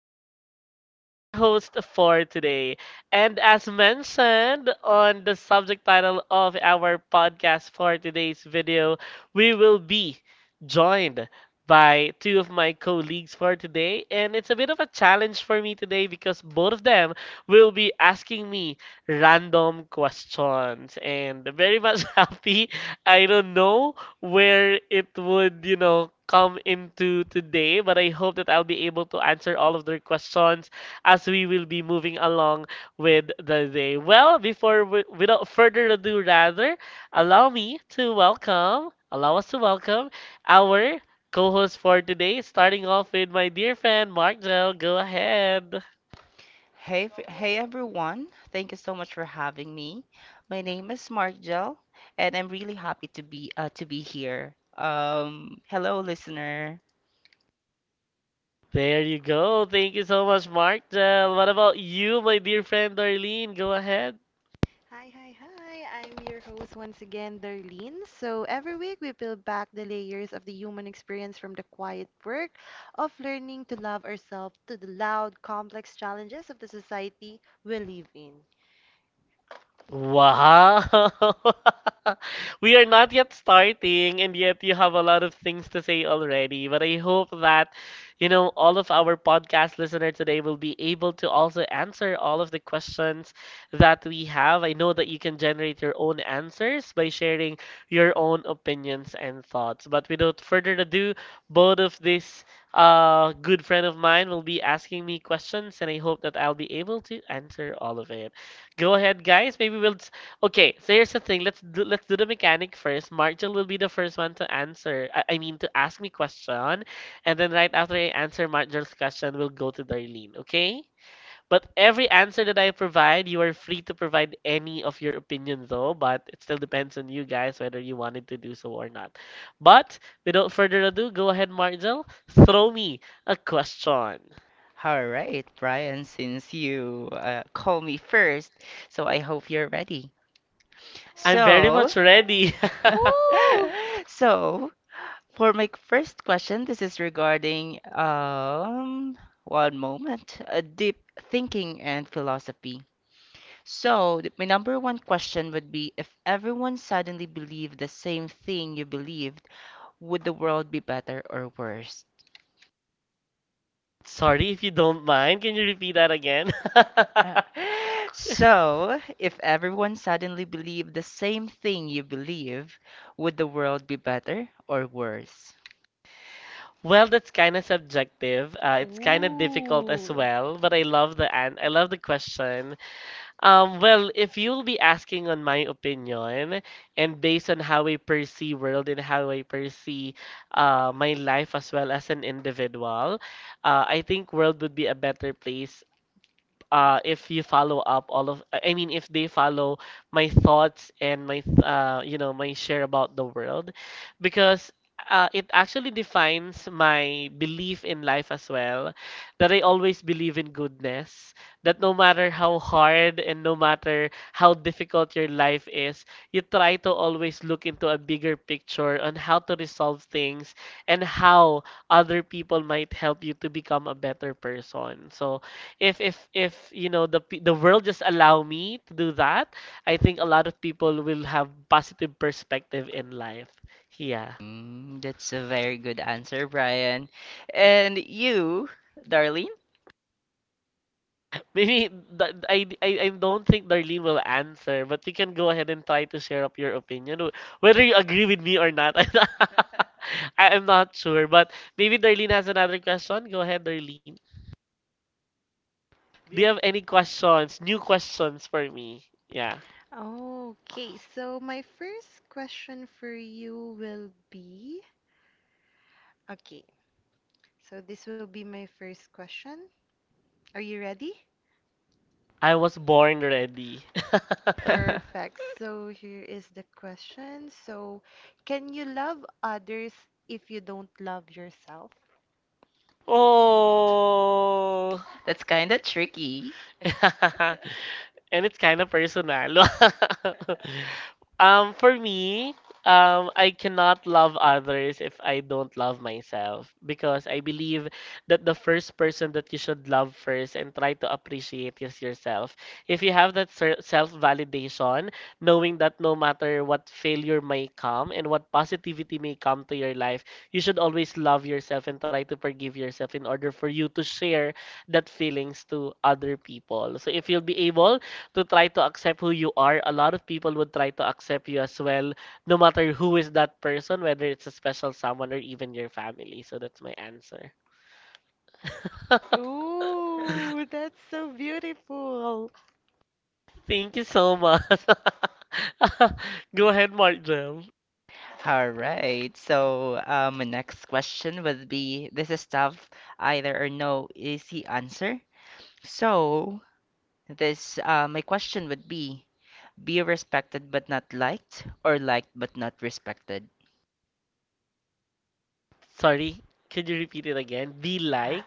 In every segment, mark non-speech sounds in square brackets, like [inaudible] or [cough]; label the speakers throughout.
Speaker 1: Brian, your host for today. And as mentioned on the subject title of our podcast for today's video, we will be joined by two of my colleagues for today. And it's a bit of a challenge for me today because both of them will be asking me random questions. And very much [laughs] happy. I don't know where it would come into today, but I hope that I'll be able to answer all of their questions as we will be moving along with the day. Well, before without further ado, rather, allow me to welcome, allow us to welcome our co host for today, starting off with my dear friend Mark Del. Go ahead.
Speaker 2: Hey everyone, thank you so much for having me. My name is Margel, and I'm really happy to be here. Hello, listener.
Speaker 1: There you go. Thank you so much, Mark Del. What about you, my dear friend Darlene? Go ahead.
Speaker 3: Hi, hi, hi. I'm your host once again, Darlene. So, every week we peel back the layers of the human experience from the quiet work of learning to love ourselves to the loud, complex challenges of the society we live in.
Speaker 1: Wow! [laughs] We are not yet starting, and yet you have a lot of things to say already. But I hope that, all of our podcast listener today will be able to also answer all of the questions that we have. I know that you can generate your own answers by sharing your own opinions and thoughts. But without further ado, both of this good friend of mine will be asking me questions, and I hope that I'll be able to answer all of it. Go ahead, guys. Okay, so here's the thing. Let's do the mechanic first. Marshall will be the first one to answer. I mean, to ask me question, and then right after I answer Marshall's question, we'll go to Darlene. Okay? But every answer that I provide, you are free to provide any of your opinion, though. But it still depends on you guys whether you wanted to do so or not. But without further ado, go ahead, Marshall. Throw me a question.
Speaker 2: All right, Brian, since you call me first, so I hope you're ready.
Speaker 1: I'm very
Speaker 2: So,
Speaker 1: much ready. [laughs]
Speaker 2: [laughs]
Speaker 3: [laughs] Ooh!
Speaker 2: so for my first question, this is regarding deep thinking and philosophy. So, my number one question would be, if everyone suddenly believed the same thing you believed, would the world be better or worse?
Speaker 1: Sorry if you don't mind. Can you repeat that again? [laughs]
Speaker 2: [laughs] So, if everyone suddenly believed the same thing you believe, would the world be better or worse?
Speaker 1: Well, that's kind of subjective. It's kind of difficult as
Speaker 3: Ooh.
Speaker 1: well, but I love the an I love the question. Well, if you'll be asking on my opinion and based on how I perceive world and how I perceive my life as well as an individual. I think world would be a better place if you follow up all of, I mean, if they follow my thoughts and my, th- you know, my share about the world, because it actually defines my belief in life as well. That I always believe in goodness. That no matter how hard and no matter how difficult your life is, you try to always look into a bigger picture on how to resolve things and how other people might help you to become a better person. So if the world just allow me to do that, I think a lot of people will have positive perspective in life. Yeah.
Speaker 2: Mm, that's a very good answer, Brian. And you, Darlene?
Speaker 1: Maybe I don't think Darlene will answer, but you can go ahead and try to share up your opinion, whether you agree with me or not. [laughs] I am not sure, but maybe Darlene has another question. Go ahead, Darlene. Do you have any questions, new questions for me? Yeah.
Speaker 3: Okay, so my first question for you will be okay, so this will be my first question. Are you ready?
Speaker 1: I was born ready. [laughs]
Speaker 2: [laughs]
Speaker 3: Perfect. So here is the question. So, can you love others if you don't love yourself?
Speaker 1: Oh.
Speaker 2: That's kind of tricky.
Speaker 1: Yeah, and it's kind of personal. [laughs] For me, I cannot love others if I don't love myself because I believe that the first person that you should love first and try to appreciate is yourself. If you have that self-validation, knowing that no matter what failure may come and what positivity may come to your life, you should always love yourself and try to forgive yourself in order for you to share that feelings to other people. So if you'll be able to try to accept who you are, a lot of people would try to accept you as well, no matter who is that person, whether it's a special someone or even your family. So that's my answer. [laughs]
Speaker 3: Ooh, that's so beautiful.
Speaker 1: Thank you so much. [laughs] Go ahead, Mark Jam.
Speaker 2: All right. My next question would be, this is tough, either or, no easy answer. So, this my question would be respected but not liked, or liked but not respected.
Speaker 1: Sorry, could you repeat it again? Be like.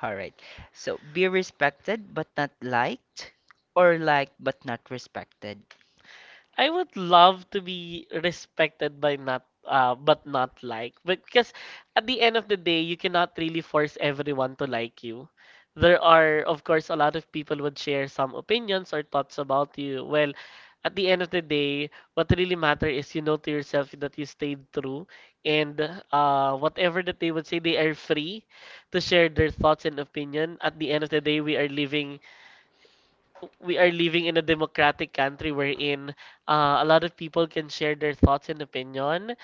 Speaker 2: All right. So, be respected but not liked, or liked but not respected.
Speaker 1: I would love to be respected by not but not liked. But because at the end of the day, you cannot really force everyone to like you. There are, of course, a lot of people would share some opinions or thoughts about you. Well, at the end of the day, what really matter is you know to yourself that you stayed true and whatever that they would say, they are free to share their thoughts and opinion. At the end of the day, we are living in a democratic country wherein a lot of people can share their thoughts and opinion.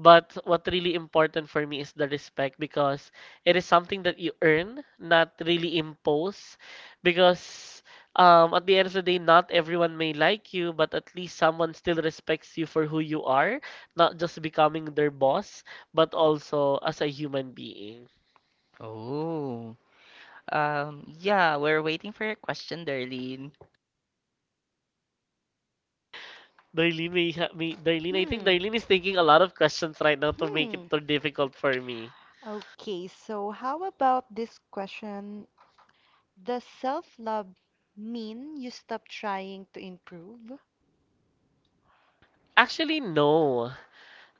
Speaker 1: But what really important for me is the respect because it is something that you earn, not really impose. Because at the end of the day, not everyone may like you, but at least someone still respects you for who you are, not just becoming their boss, but also as a human being.
Speaker 2: Oh, yeah, we're waiting for your question, Darlene.
Speaker 1: Darlene, may ha- may- Darlene, I think
Speaker 3: Hmm.
Speaker 1: Darlene is thinking a lot of questions right now to make
Speaker 3: Hmm.
Speaker 1: it too difficult for me.
Speaker 3: Okay, so how about this question? Does self-love mean you stop trying to improve?
Speaker 1: Actually, no.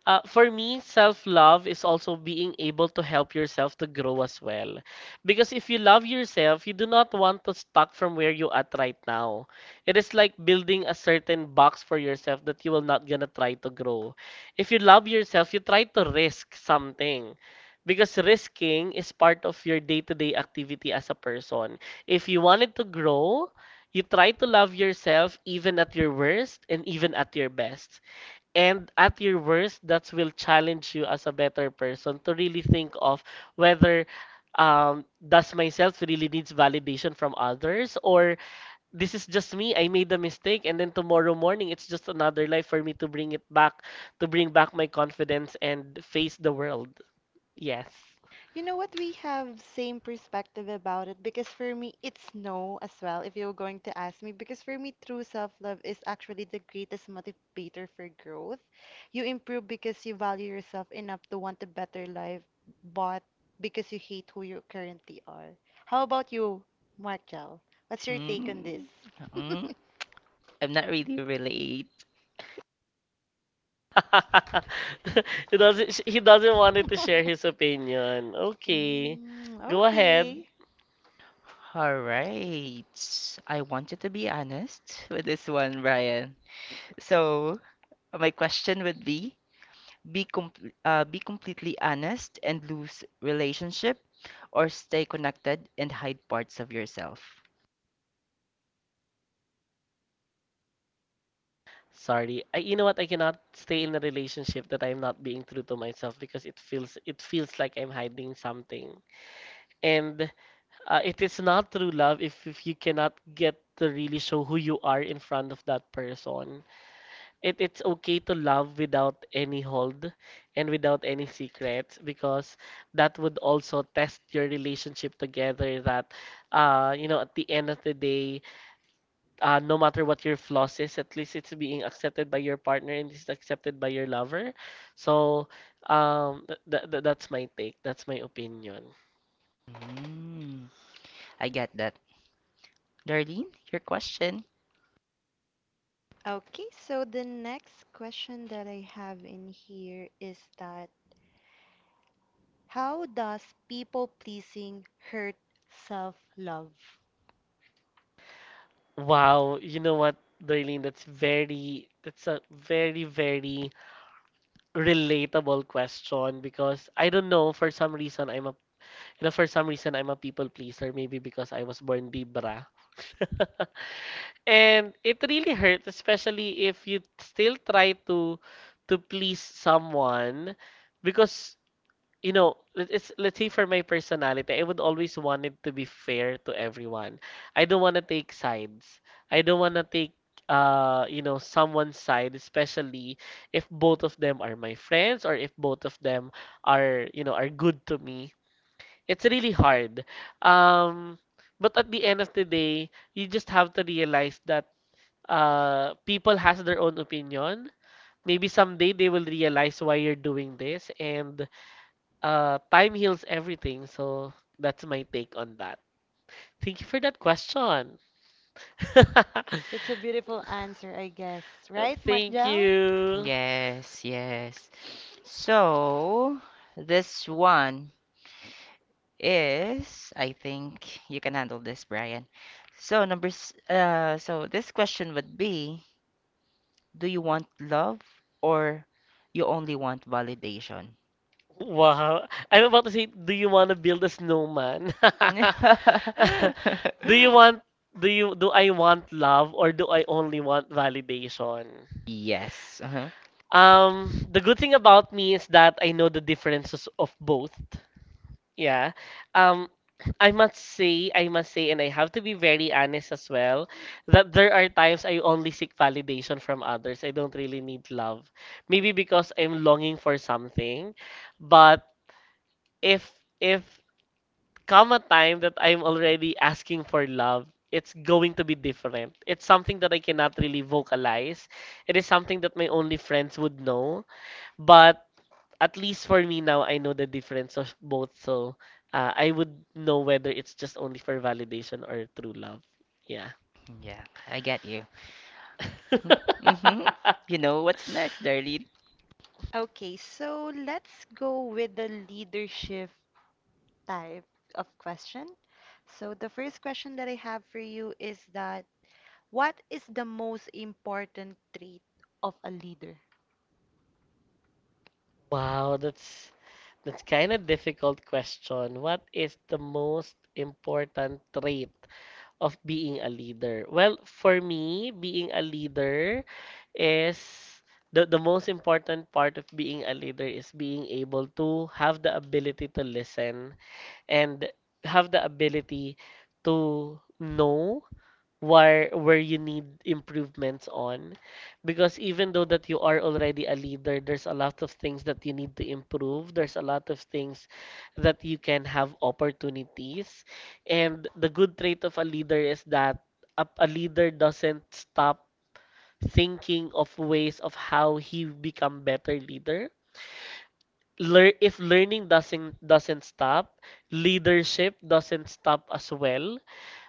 Speaker 1: For me, self love is also being able to help yourself to grow as well. Because if you love yourself, you do not want to stuck from where you at right now. It is like building a certain box for yourself that you will not gonna try to grow. If you love yourself, you try to risk something. Because risking is part of your day-to-day activity as a person. If you wanted to grow, you try to love yourself even at your worst and even at your best and at your worst, that will challenge you as a better person to really think of whether does myself really needs validation from others or this is just me. I made a mistake, and then tomorrow morning it's just another life for me to bring it back, to bring back my confidence and face the world. Yes.
Speaker 3: You know what? We have same perspective about it because for me, it's no as well, if you're going to ask me, because for me, true self-love is actually the greatest motivator for growth. You improve because you value yourself enough to want a better life, but because you hate who you currently are. How about you, Marcel? What's your take on this?
Speaker 2: Mm,
Speaker 3: [laughs]
Speaker 2: mm, I'm not really relate.
Speaker 1: [laughs] He doesn't want to share his opinion. Okay,
Speaker 3: Mm,
Speaker 1: go ahead.
Speaker 3: okay.
Speaker 2: All right. I want you to be honest with this one, Ryan. So, my question would be com be completely honest and lose relationship, or stay connected and hide parts of yourself.
Speaker 1: Sorry. You know what? I cannot stay in a relationship that I'm not being true to myself because it feels like I'm hiding something. And it is not true love if you cannot get to really show who you are in front of that person. It's okay to love without any hold and without any secrets because that would also test your relationship together that at the end of the day no matter what your flaws is, at least it's being accepted by your partner and it's accepted by your lover. So, that's my take. That's my opinion.
Speaker 2: Mm, I get that. Darlene, your question.
Speaker 3: Okay, so the next question that I have in here is that how does people pleasing hurt self-love?
Speaker 1: Wow, you know what, Darlene, that's a very, very relatable question because I don't know, for some reason I'm a people pleaser, maybe because I was born Libra. [laughs] And it really hurts, especially if you still try to please someone, because you know, let- it's let's say for my personality, I would always want it to be fair to everyone. I don't want to take sides. I don't want to take someone's side, especially if both of them are my friends or if both of them are, you know, are good to me. It's really hard. Um, but at the end of the day, you just have to realize that people has their own opinion. Maybe someday they will realize why you're doing this, and time heals everything. So that's my take on that. Thank you for that question. [laughs]
Speaker 3: That's a beautiful answer, I guess, right,
Speaker 1: Thank
Speaker 3: Marjel?
Speaker 1: you.
Speaker 2: Yes, yes. So, this one is I think you can handle this, Brian. So this question would be, do you want love, or you only want validation?
Speaker 1: Wow. I'm about to say, do you want to build a snowman?
Speaker 2: [laughs] Do
Speaker 1: [laughs] Do
Speaker 2: you
Speaker 1: you
Speaker 2: want?
Speaker 1: want, do I want love or do I only want validation?
Speaker 2: Yes. Uh-huh.
Speaker 1: The good thing about me is that I know the differences of both. Yeah. Um, [clears throat] I must say, and I have to be very honest as well, that there are times I only seek validation from others. I don't really need love. Maybe because I'm longing for something, but if if come a time that I'm already asking for love, it's going to be different. It's something that I cannot really vocalize. It is something that my only friends would know. But at least for me now, I know the difference of both, so I would know whether it's just only for validation or true love. Yeah.
Speaker 2: Yeah, I get you. Mhm. [laughs]
Speaker 1: [laughs]
Speaker 2: You know what's next, Darlene?
Speaker 3: Okay, so let's go with the leadership type of question. So the first question that I have for you is that what is the most important trait of a leader?
Speaker 1: Wow, that's kind of difficult question. What is the most important trait of being a leader? Well, for me, being a leader is the most important part of being a leader is being able to have the ability to listen and have the ability to know where you need improvements on, because even though that you are already a leader, there's a lot of things that you need to improve, there's a lot of things that you can have opportunities. And the good trait of a leader is that a leader doesn't stop thinking of ways of how he become better leader. Lear If learning doesn't stop, leadership doesn't stop as well.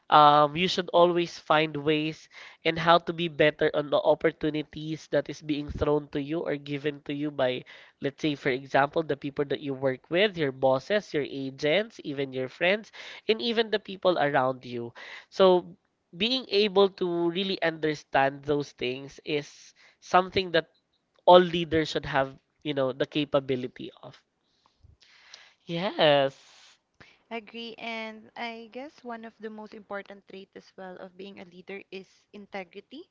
Speaker 1: You should always find ways and how to be better on the opportunities that is being thrown to you or given to you by, let's say, for example, the people that you work with, your bosses, your agents, even your friends, and even the people around you. So being able to really understand those things is something that all leaders should have, you know, the capability of. Yes,
Speaker 3: Agree. And I guess one of the most important traits as well of being a leader is integrity,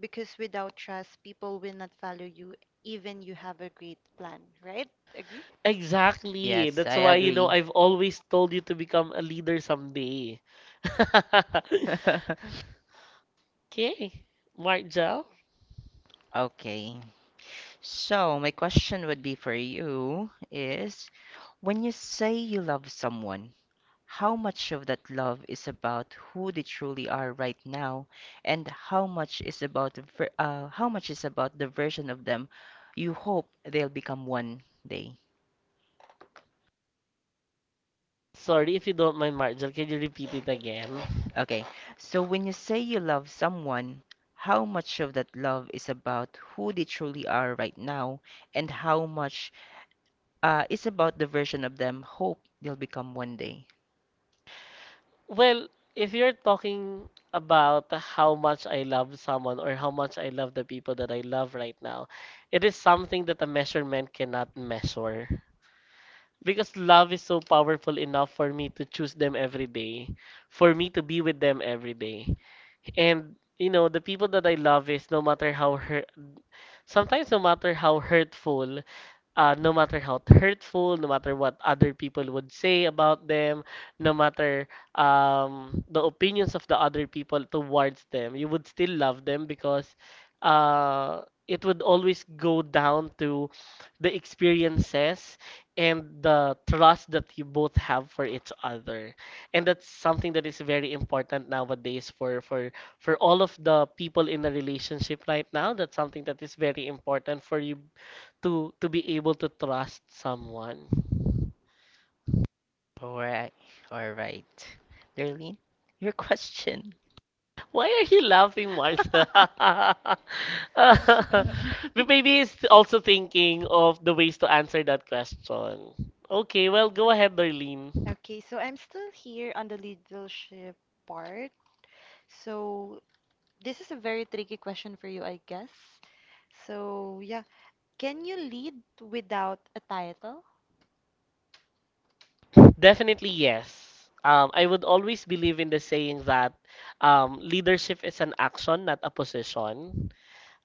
Speaker 3: because without trust, people will not follow you, even you have a great plan, right? Agree?
Speaker 1: exactly.
Speaker 2: Yes,
Speaker 1: That's
Speaker 2: I
Speaker 1: why, you know,
Speaker 2: agree.
Speaker 1: I've always
Speaker 2: [laughs]
Speaker 1: told you to become a leader someday. [laughs] Okay, Marjel.
Speaker 2: Okay. So my question would be for you is, when you say you love someone, how much of that love is about who they truly are right now, and how much is about the version of them you hope they'll become one day?
Speaker 1: Sorry if you don't mind, Marjel. Can you repeat it again?
Speaker 2: Okay, so when you say you love someone, how much of that love is about who they truly are right now, and how much is about the version of them hope they'll become one day?
Speaker 1: Well, if you're talking about how much I love someone or how much I love the people that I love right now, it is something that a measurement cannot measure. Because love is so powerful enough for me to choose them every day, for me to be with them every day. And you know, the people that I love is no matter how hurt, sometimes no matter how hurtful, no matter how hurtful, no matter what other people would say about them, no matter, the opinions of the other people towards them, you would still love them because, uh, it would always go down to the experiences and the trust that you both have for each other. And that's something that is very important nowadays for for all of the people in a relationship right now. That's something that is very important for you to be able to trust someone.
Speaker 2: All right, all right, Darlene, [laughs] your question.
Speaker 1: Why are you laughing, Martha?
Speaker 3: [laughs]
Speaker 1: [laughs] But maybe he's also thinking of the ways to answer that question. Okay, well, go ahead, Darlene.
Speaker 3: Okay, so I'm still here on the leadership part. So this is a very tricky question for you, I guess. So yeah, can you lead without a title?
Speaker 1: Definitely yes. I would always believe in the saying that leadership is an action, not a position.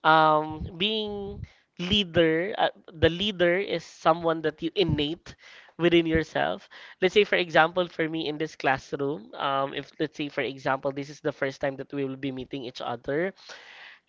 Speaker 1: Being leader, the leader is someone that you innate within yourself. Let's say, for example, for me in this classroom, if let's say, for example, this is the first time that we will be meeting each other,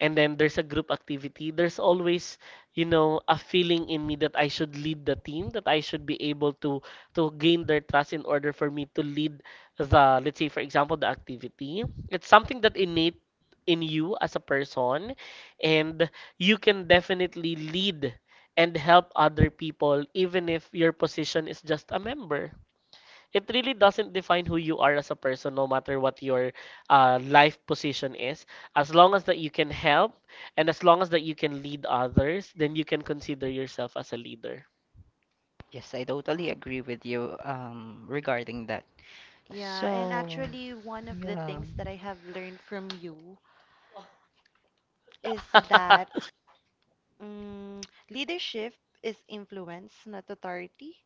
Speaker 1: and then there's a group activity, there's always, you know, a feeling in me that I should lead the team, that I should be able to gain their trust in order for me to lead the, let's say, for example, the activity. It's something that innate in you as a person, and you can definitely lead and help other people even if your position is just a member. It really doesn't define who you are as a person, no matter what your, life position is. As long as that you can help and as long as that you can lead others, then you can consider yourself as a leader.
Speaker 2: Yes, I totally agree with you regarding that.
Speaker 3: Yeah, and
Speaker 2: So,
Speaker 3: actually, one of the
Speaker 2: yeah.
Speaker 3: things that I have learned from you is that
Speaker 1: [laughs]
Speaker 3: mm leadership is influence, not authority.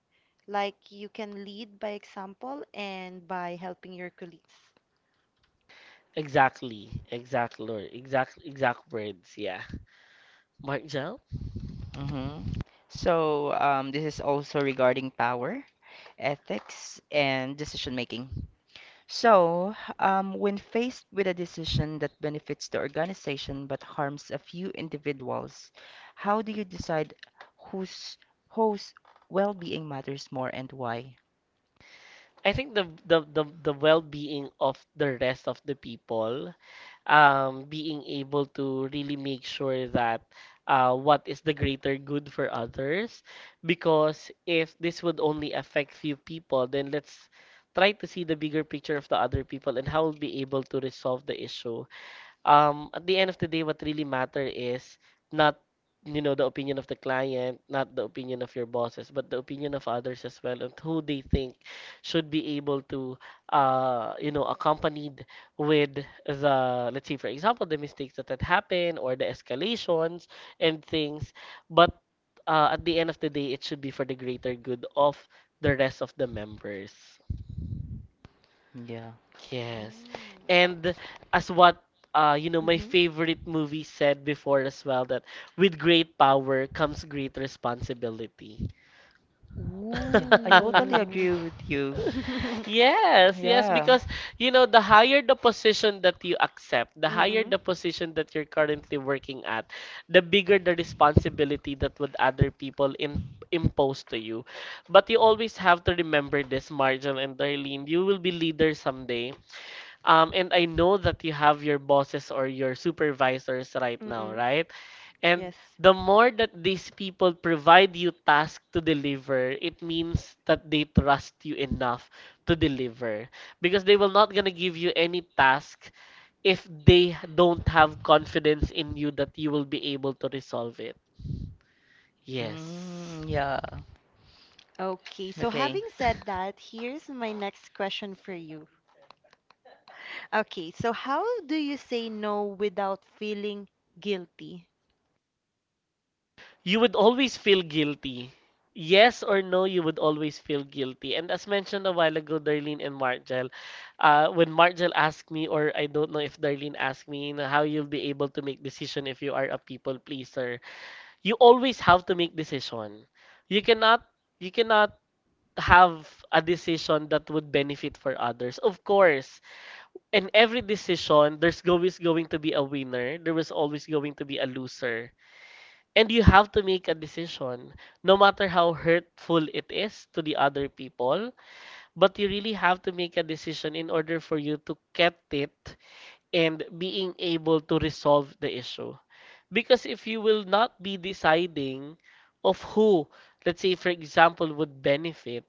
Speaker 3: Like you can lead by example and by helping your colleagues.
Speaker 1: Exactly, Lord, exact words. Yeah, Mark Jell.
Speaker 2: Mm-hmm. So, this is also regarding power, ethics, and decision making. So, when faced with a decision that benefits the organization but harms a few individuals, how do you decide whose whose well-being matters more and why?
Speaker 1: I think the well-being of the rest of the people, being able to really make sure that, what is the greater good for others, because if this would only affect few people, then let's try to see the bigger picture of the other people and how we'll be able to resolve the issue. At the end of the day, what really matter is not, you know, the opinion of the client, not the opinion of your bosses, but the opinion of others as well, and who they think should be able to, you know, accompanied with the, let's say, for example, the mistakes that had happened or the escalations and things. But, at the end of the day, it should be for the greater good of the rest of the members.
Speaker 2: Yeah.
Speaker 1: Yes.
Speaker 3: Mm.
Speaker 1: And as what, you know, my
Speaker 3: Mhm.
Speaker 1: favorite movie said before as well, that with great power comes great responsibility.
Speaker 2: Yeah, I totally [laughs]
Speaker 3: Ooh.
Speaker 1: [laughs]
Speaker 2: agree with you.
Speaker 3: [laughs]
Speaker 1: Yes, yes,
Speaker 2: Yeah.
Speaker 1: because you know the higher the position that you accept, the higher
Speaker 3: Mm-mm.
Speaker 1: the position that you're currently working at, the bigger the responsibility that would other people in impose to you. But you always have to remember this, Marjol and Darlene, you will be leaders someday. And I know that you have your bosses or your supervisors right now,
Speaker 3: Mm-mm.
Speaker 1: right? And
Speaker 3: Yes.
Speaker 1: the more that these people provide you tasks to deliver, it means that they trust you enough to deliver because they will not gonna give you any task if they don't have confidence in you that you will be able to resolve it. Yes.
Speaker 2: Mm, yeah.
Speaker 3: Okay, so
Speaker 2: Okay.
Speaker 3: having said that, here's my next question for you. Okay, so how do you say no without feeling guilty?
Speaker 1: You would always feel guilty. Yes or no, you would always feel guilty. And as mentioned a while ago, Darlene and Margel, when Margel asked me, or I don't know if Darlene asked me, you know, how you'll be able to make decision if you are a people pleaser. You always have to make decision. You cannot, you cannot have a decision that would benefit for others. Of course, in every decision, there's always going to be a winner. There was always going to be a loser. And you have to make a decision, no matter how hurtful it is to the other people, but you really have to make a decision in order for you to get it and being able to resolve the issue. Because if you will not be deciding of who, let's say, for example, would benefit,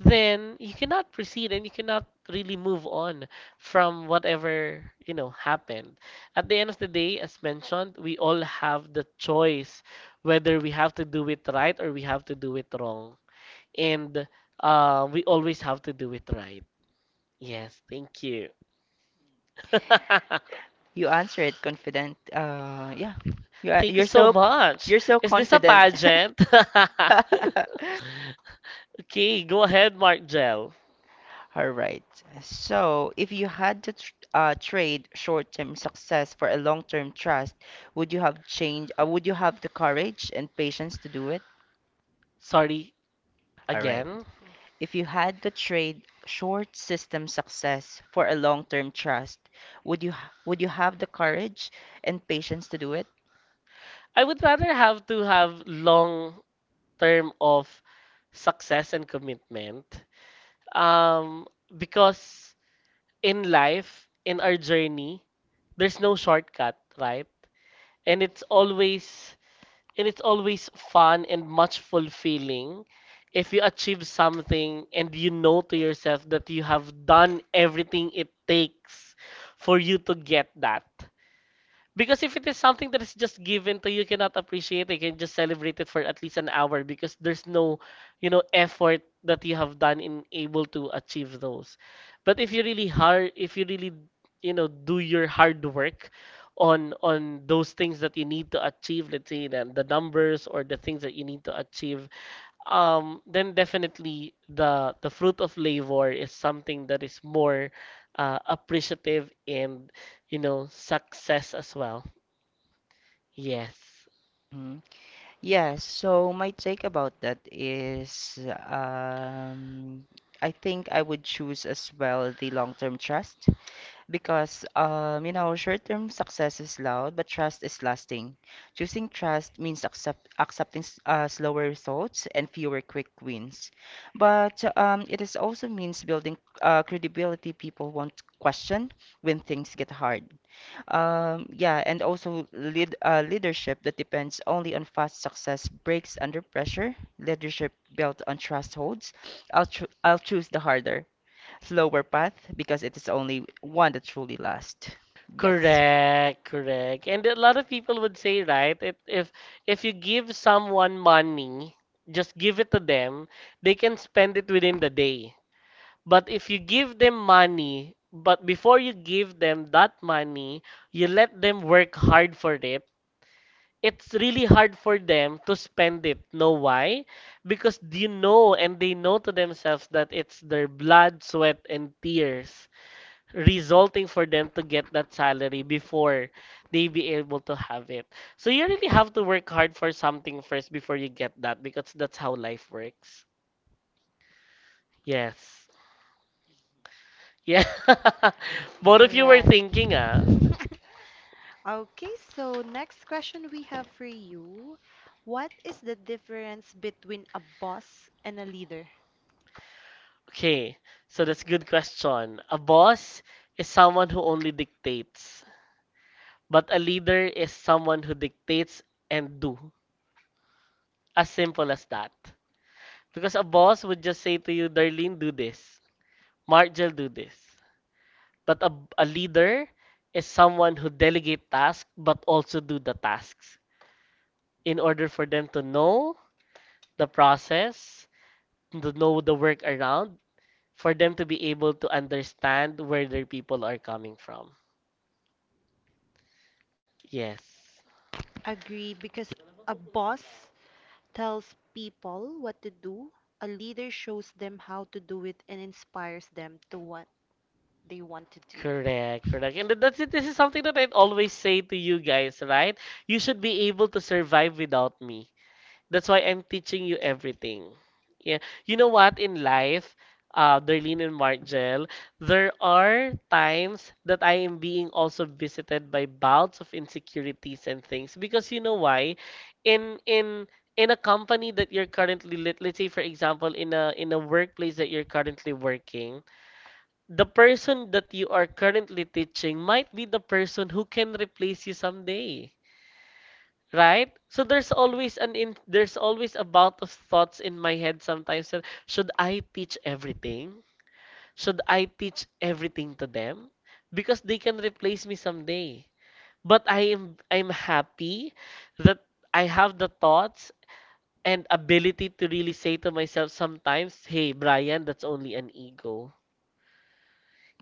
Speaker 1: then you cannot proceed and you cannot really move on from whatever, you know, happened. At the end of the day, as mentioned, we all have the choice whether we have to do it right or we have to do it wrong. And, we always have to do it right. Yes, thank you. [laughs]
Speaker 2: You answer it confident. Yeah.
Speaker 1: Thank you
Speaker 2: You're
Speaker 1: so
Speaker 2: so
Speaker 1: much. Is this a
Speaker 2: confident.
Speaker 1: pageant?
Speaker 2: [laughs]
Speaker 1: [laughs] Okay, go ahead, Mark Gel.
Speaker 2: All right. So, if you had to tr trade short-term success for a long-term trust, would you have the courage and patience to do it?
Speaker 1: Sorry,
Speaker 2: All right.
Speaker 1: again.
Speaker 2: If you had to trade short system success for a long-term trust, would you have the courage and patience to do it?
Speaker 1: I would rather have to have long term of success and commitment. Um, because in life, in our journey, there's no shortcut, right? And it's always and it's always fun and much fulfilling if you achieve something and you know to yourself that you have done everything it takes for you to get that. Because if it is something that is just given to you, cannot appreciate it, you can just celebrate it for at least an hour because there's no, you know, effort that you have done in able to achieve those. But if you really hard, if you really, you know, do your hard work on those things that you need to achieve, let's say the numbers or the things that you need to achieve, then definitely the fruit of labor is something that is more, appreciative and, you know, success as well. Yes.
Speaker 2: Mm. Yes, so my take about that is um, I think I would choose as well the long-term trust because, you know, short-term success is loud, but trust is lasting. Choosing trust means accepting slower results and fewer quick wins. But it is also means building credibility people won't question when things get hard. Yeah, and also leadership that depends only on fast success breaks under pressure. Leadership built on trust holds. I'll choose the harder, slower path because it is only one that truly lasts. Yes.
Speaker 1: Correct, correct. And a lot of people would say, right, if you give someone money, just give it to them, they can spend it within the day. But if you give them money, but before you give them that money, you let them work hard for it, it's really hard for them to spend it. Know why? Because you know and they know to themselves that it's their blood, sweat, and tears resulting for them to get that salary before they be able to have it. So you really have to work hard for something first before you get that, because that's how life works. Yes. Yeah. [laughs] Both of you were
Speaker 3: Correct.
Speaker 1: thinking, ah.
Speaker 3: [laughs] Okay, so next question we have for you. What is the difference between a boss and a leader?
Speaker 1: Okay. So that's good question. A boss is someone who only dictates, but a leader is someone who dictates and do. As simple as that. Because a boss would just say to you, Darlene, do this. Marjel, do this. But a leader is someone who delegate tasks but also do the tasks in order for them to know the process, to know the work around, for them to be able to understand where their people are coming from. Yes.
Speaker 3: Agree, because a boss tells people what to do, a leader shows them how to do it and inspires them to want they want to do.
Speaker 1: Correct, correct. And that's it. This is something that I always say to you guys, right? You should be able to survive without me. That's why I'm teaching you everything. Yeah. You know what? In life, Darlene and Margel, there are times that I am being also visited by bouts of insecurities and things. Because you know why? In in in a company that you're currently let's say for example in a workplace that you're currently working, the person that you are currently teaching might be the person who can replace you someday, right? So there's always a bout of thoughts in my head sometimes that should I teach everything? Should I teach everything to them? Because they can replace me someday. But I'm happy that I have the thoughts and ability to really say to myself sometimes, hey Brian, that's only an ego.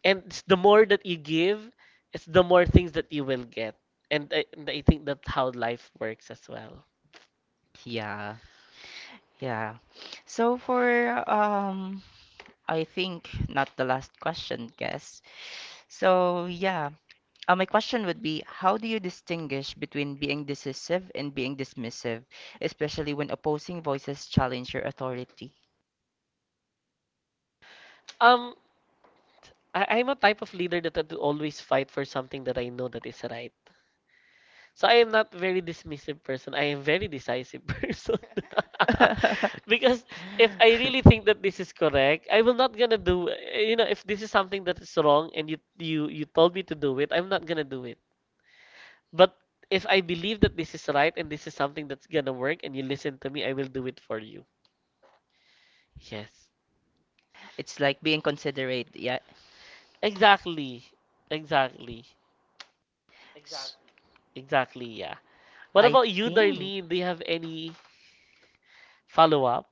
Speaker 1: And it's the more that you give, it's the more things that you will get. And I think that's how life works as well.
Speaker 2: Yeah. Yeah. So for um I think not the last question, guess. So yeah. My question would be, how do you distinguish between being decisive and being dismissive, especially when opposing voices challenge your authority?
Speaker 1: Um, I'm a type of leader that will always fight for something that I know that is right. So I am not very dismissive person. I am very decisive [laughs] person.
Speaker 2: [laughs]
Speaker 1: [laughs]
Speaker 2: Because
Speaker 1: Because if I really think that this is correct, I will not gonna do. You know, if this is something that is wrong and you told me to do it, I'm not gonna do it. But if I believe that this is right and this is something that's gonna work and you listen to me, I will do it for you. Yes.
Speaker 2: that it's like being considerate, yeah. S-
Speaker 1: Exactly. Exactly. Exactly, yeah. What
Speaker 2: I
Speaker 1: about you,
Speaker 2: think.
Speaker 1: Darlene? Do you have any follow up?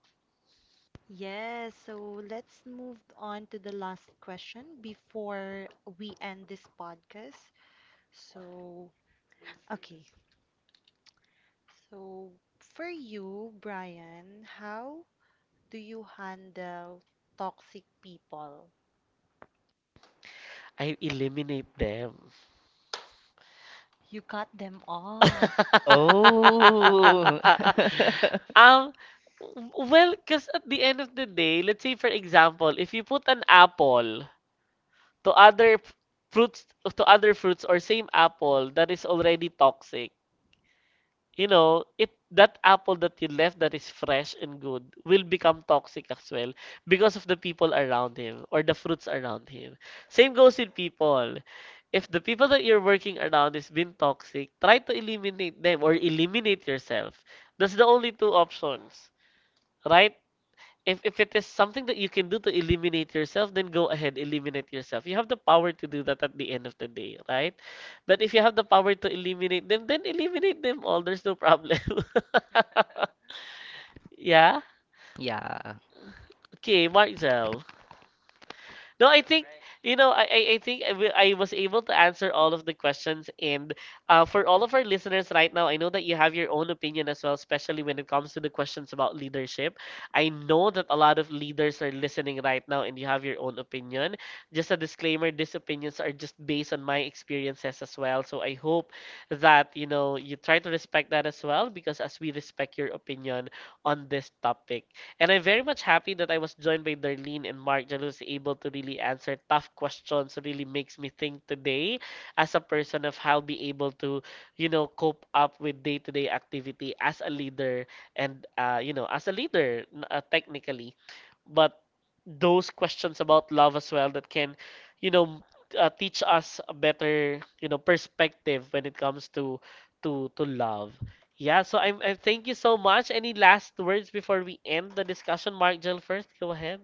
Speaker 3: Yes, so let's move on to the last question before we end this podcast. So, okay. So, for you, Brian, how do you handle toxic people?
Speaker 1: I eliminate them.
Speaker 3: You cut them off.
Speaker 2: Oh. [laughs]
Speaker 1: [laughs] um, well, because at the end of the day, let's say for example, if you put an apple to fruits to other fruits or same apple that is already toxic, you know, it that apple that you left that is fresh and good will become toxic as well because of the people around him or the fruits around him. Same goes with people. If the people that you're working around is been toxic, try to eliminate them or eliminate yourself. That's the only two options, right? If it is something that you can do to eliminate yourself, then go ahead, eliminate yourself. You have the power to do that at the end of the day, right? But if you have the power to eliminate them, then eliminate them all. There's no problem. [laughs] Yeah?
Speaker 2: Yeah.
Speaker 1: Okay, Marcel. No, I think you know. I think I, will- I was able to answer all of the questions, and for all of our listeners right now, I know that you have your own opinion as well, especially when it comes to the questions about leadership. I know that a lot of leaders are listening right now, and you have your own opinion. Just a disclaimer: these opinions are just based on my experiences as well. So I hope that you know you try to respect that as well, because as we respect your opinion on this topic. And I'm very much happy that I was joined by Darlene and Mark that was able to really answer tough questions. Really makes me think today as a person of how be able to, you know, cope up with day-to-day activity as a leader and you know, as a leader technically. But those questions about love as well that can, you know, teach us a better, you know, perspective when it comes to to love. Yeah, so I thank you so much. Any last words before we end the discussion, Mark Jill first? Go ahead.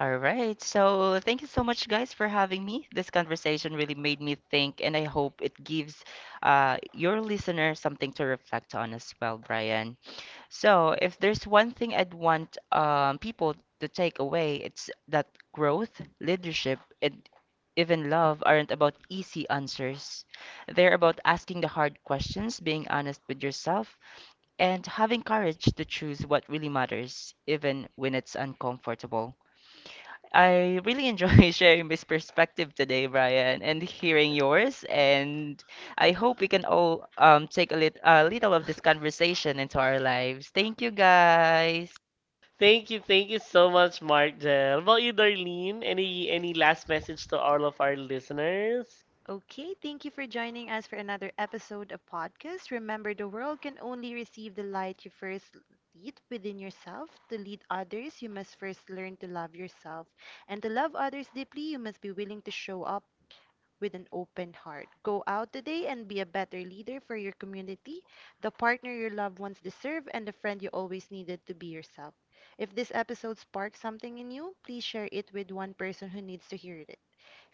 Speaker 2: All right. So thank you so much, guys, for having me. This conversation really made me think, and I hope it gives your listener something to reflect on as well, Brian. So if there's one thing I'd want people to take away, it's that growth, leadership, and even love aren't about easy answers. They're about asking the hard questions, being honest with yourself, and having courage to choose what really matters, even when it's uncomfortable. I really enjoy [laughs] sharing this perspective today, Brian, and hearing yours. And I hope we can all take a, a little of this conversation into our lives. Thank you, guys.
Speaker 1: Thank you so much, Mark Jel. How about you, Darlene? Any last message to all of our listeners?
Speaker 3: Okay, thank you for joining us for another episode of podcast. Remember, the world can only receive the light you first lead within yourself. To lead others, you must first learn to love yourself. And to love others deeply, you must be willing to show up with an open heart. Go out today and be a better leader for your community, the partner your loved ones deserve, and the friend you always needed to be yourself. If this episode sparked something in you, please share it with one person who needs to hear it.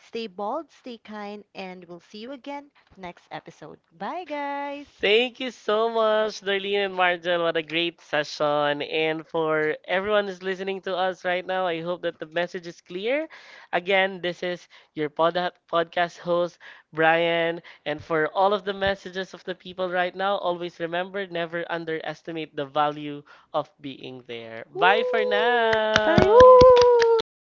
Speaker 3: Stay bold, stay kind, and we'll see you again next episode. Bye, guys!
Speaker 1: Thank you so much, Darlene and Marjan. What a great session. And for everyone who's listening to us right now, I hope that the message is clear. Again, this is your podcast host, Brian. And for all of the messages of the people right now, always remember never underestimate the value of being there. Bye for
Speaker 3: Woo!
Speaker 2: Bye.
Speaker 1: now.
Speaker 2: Woo!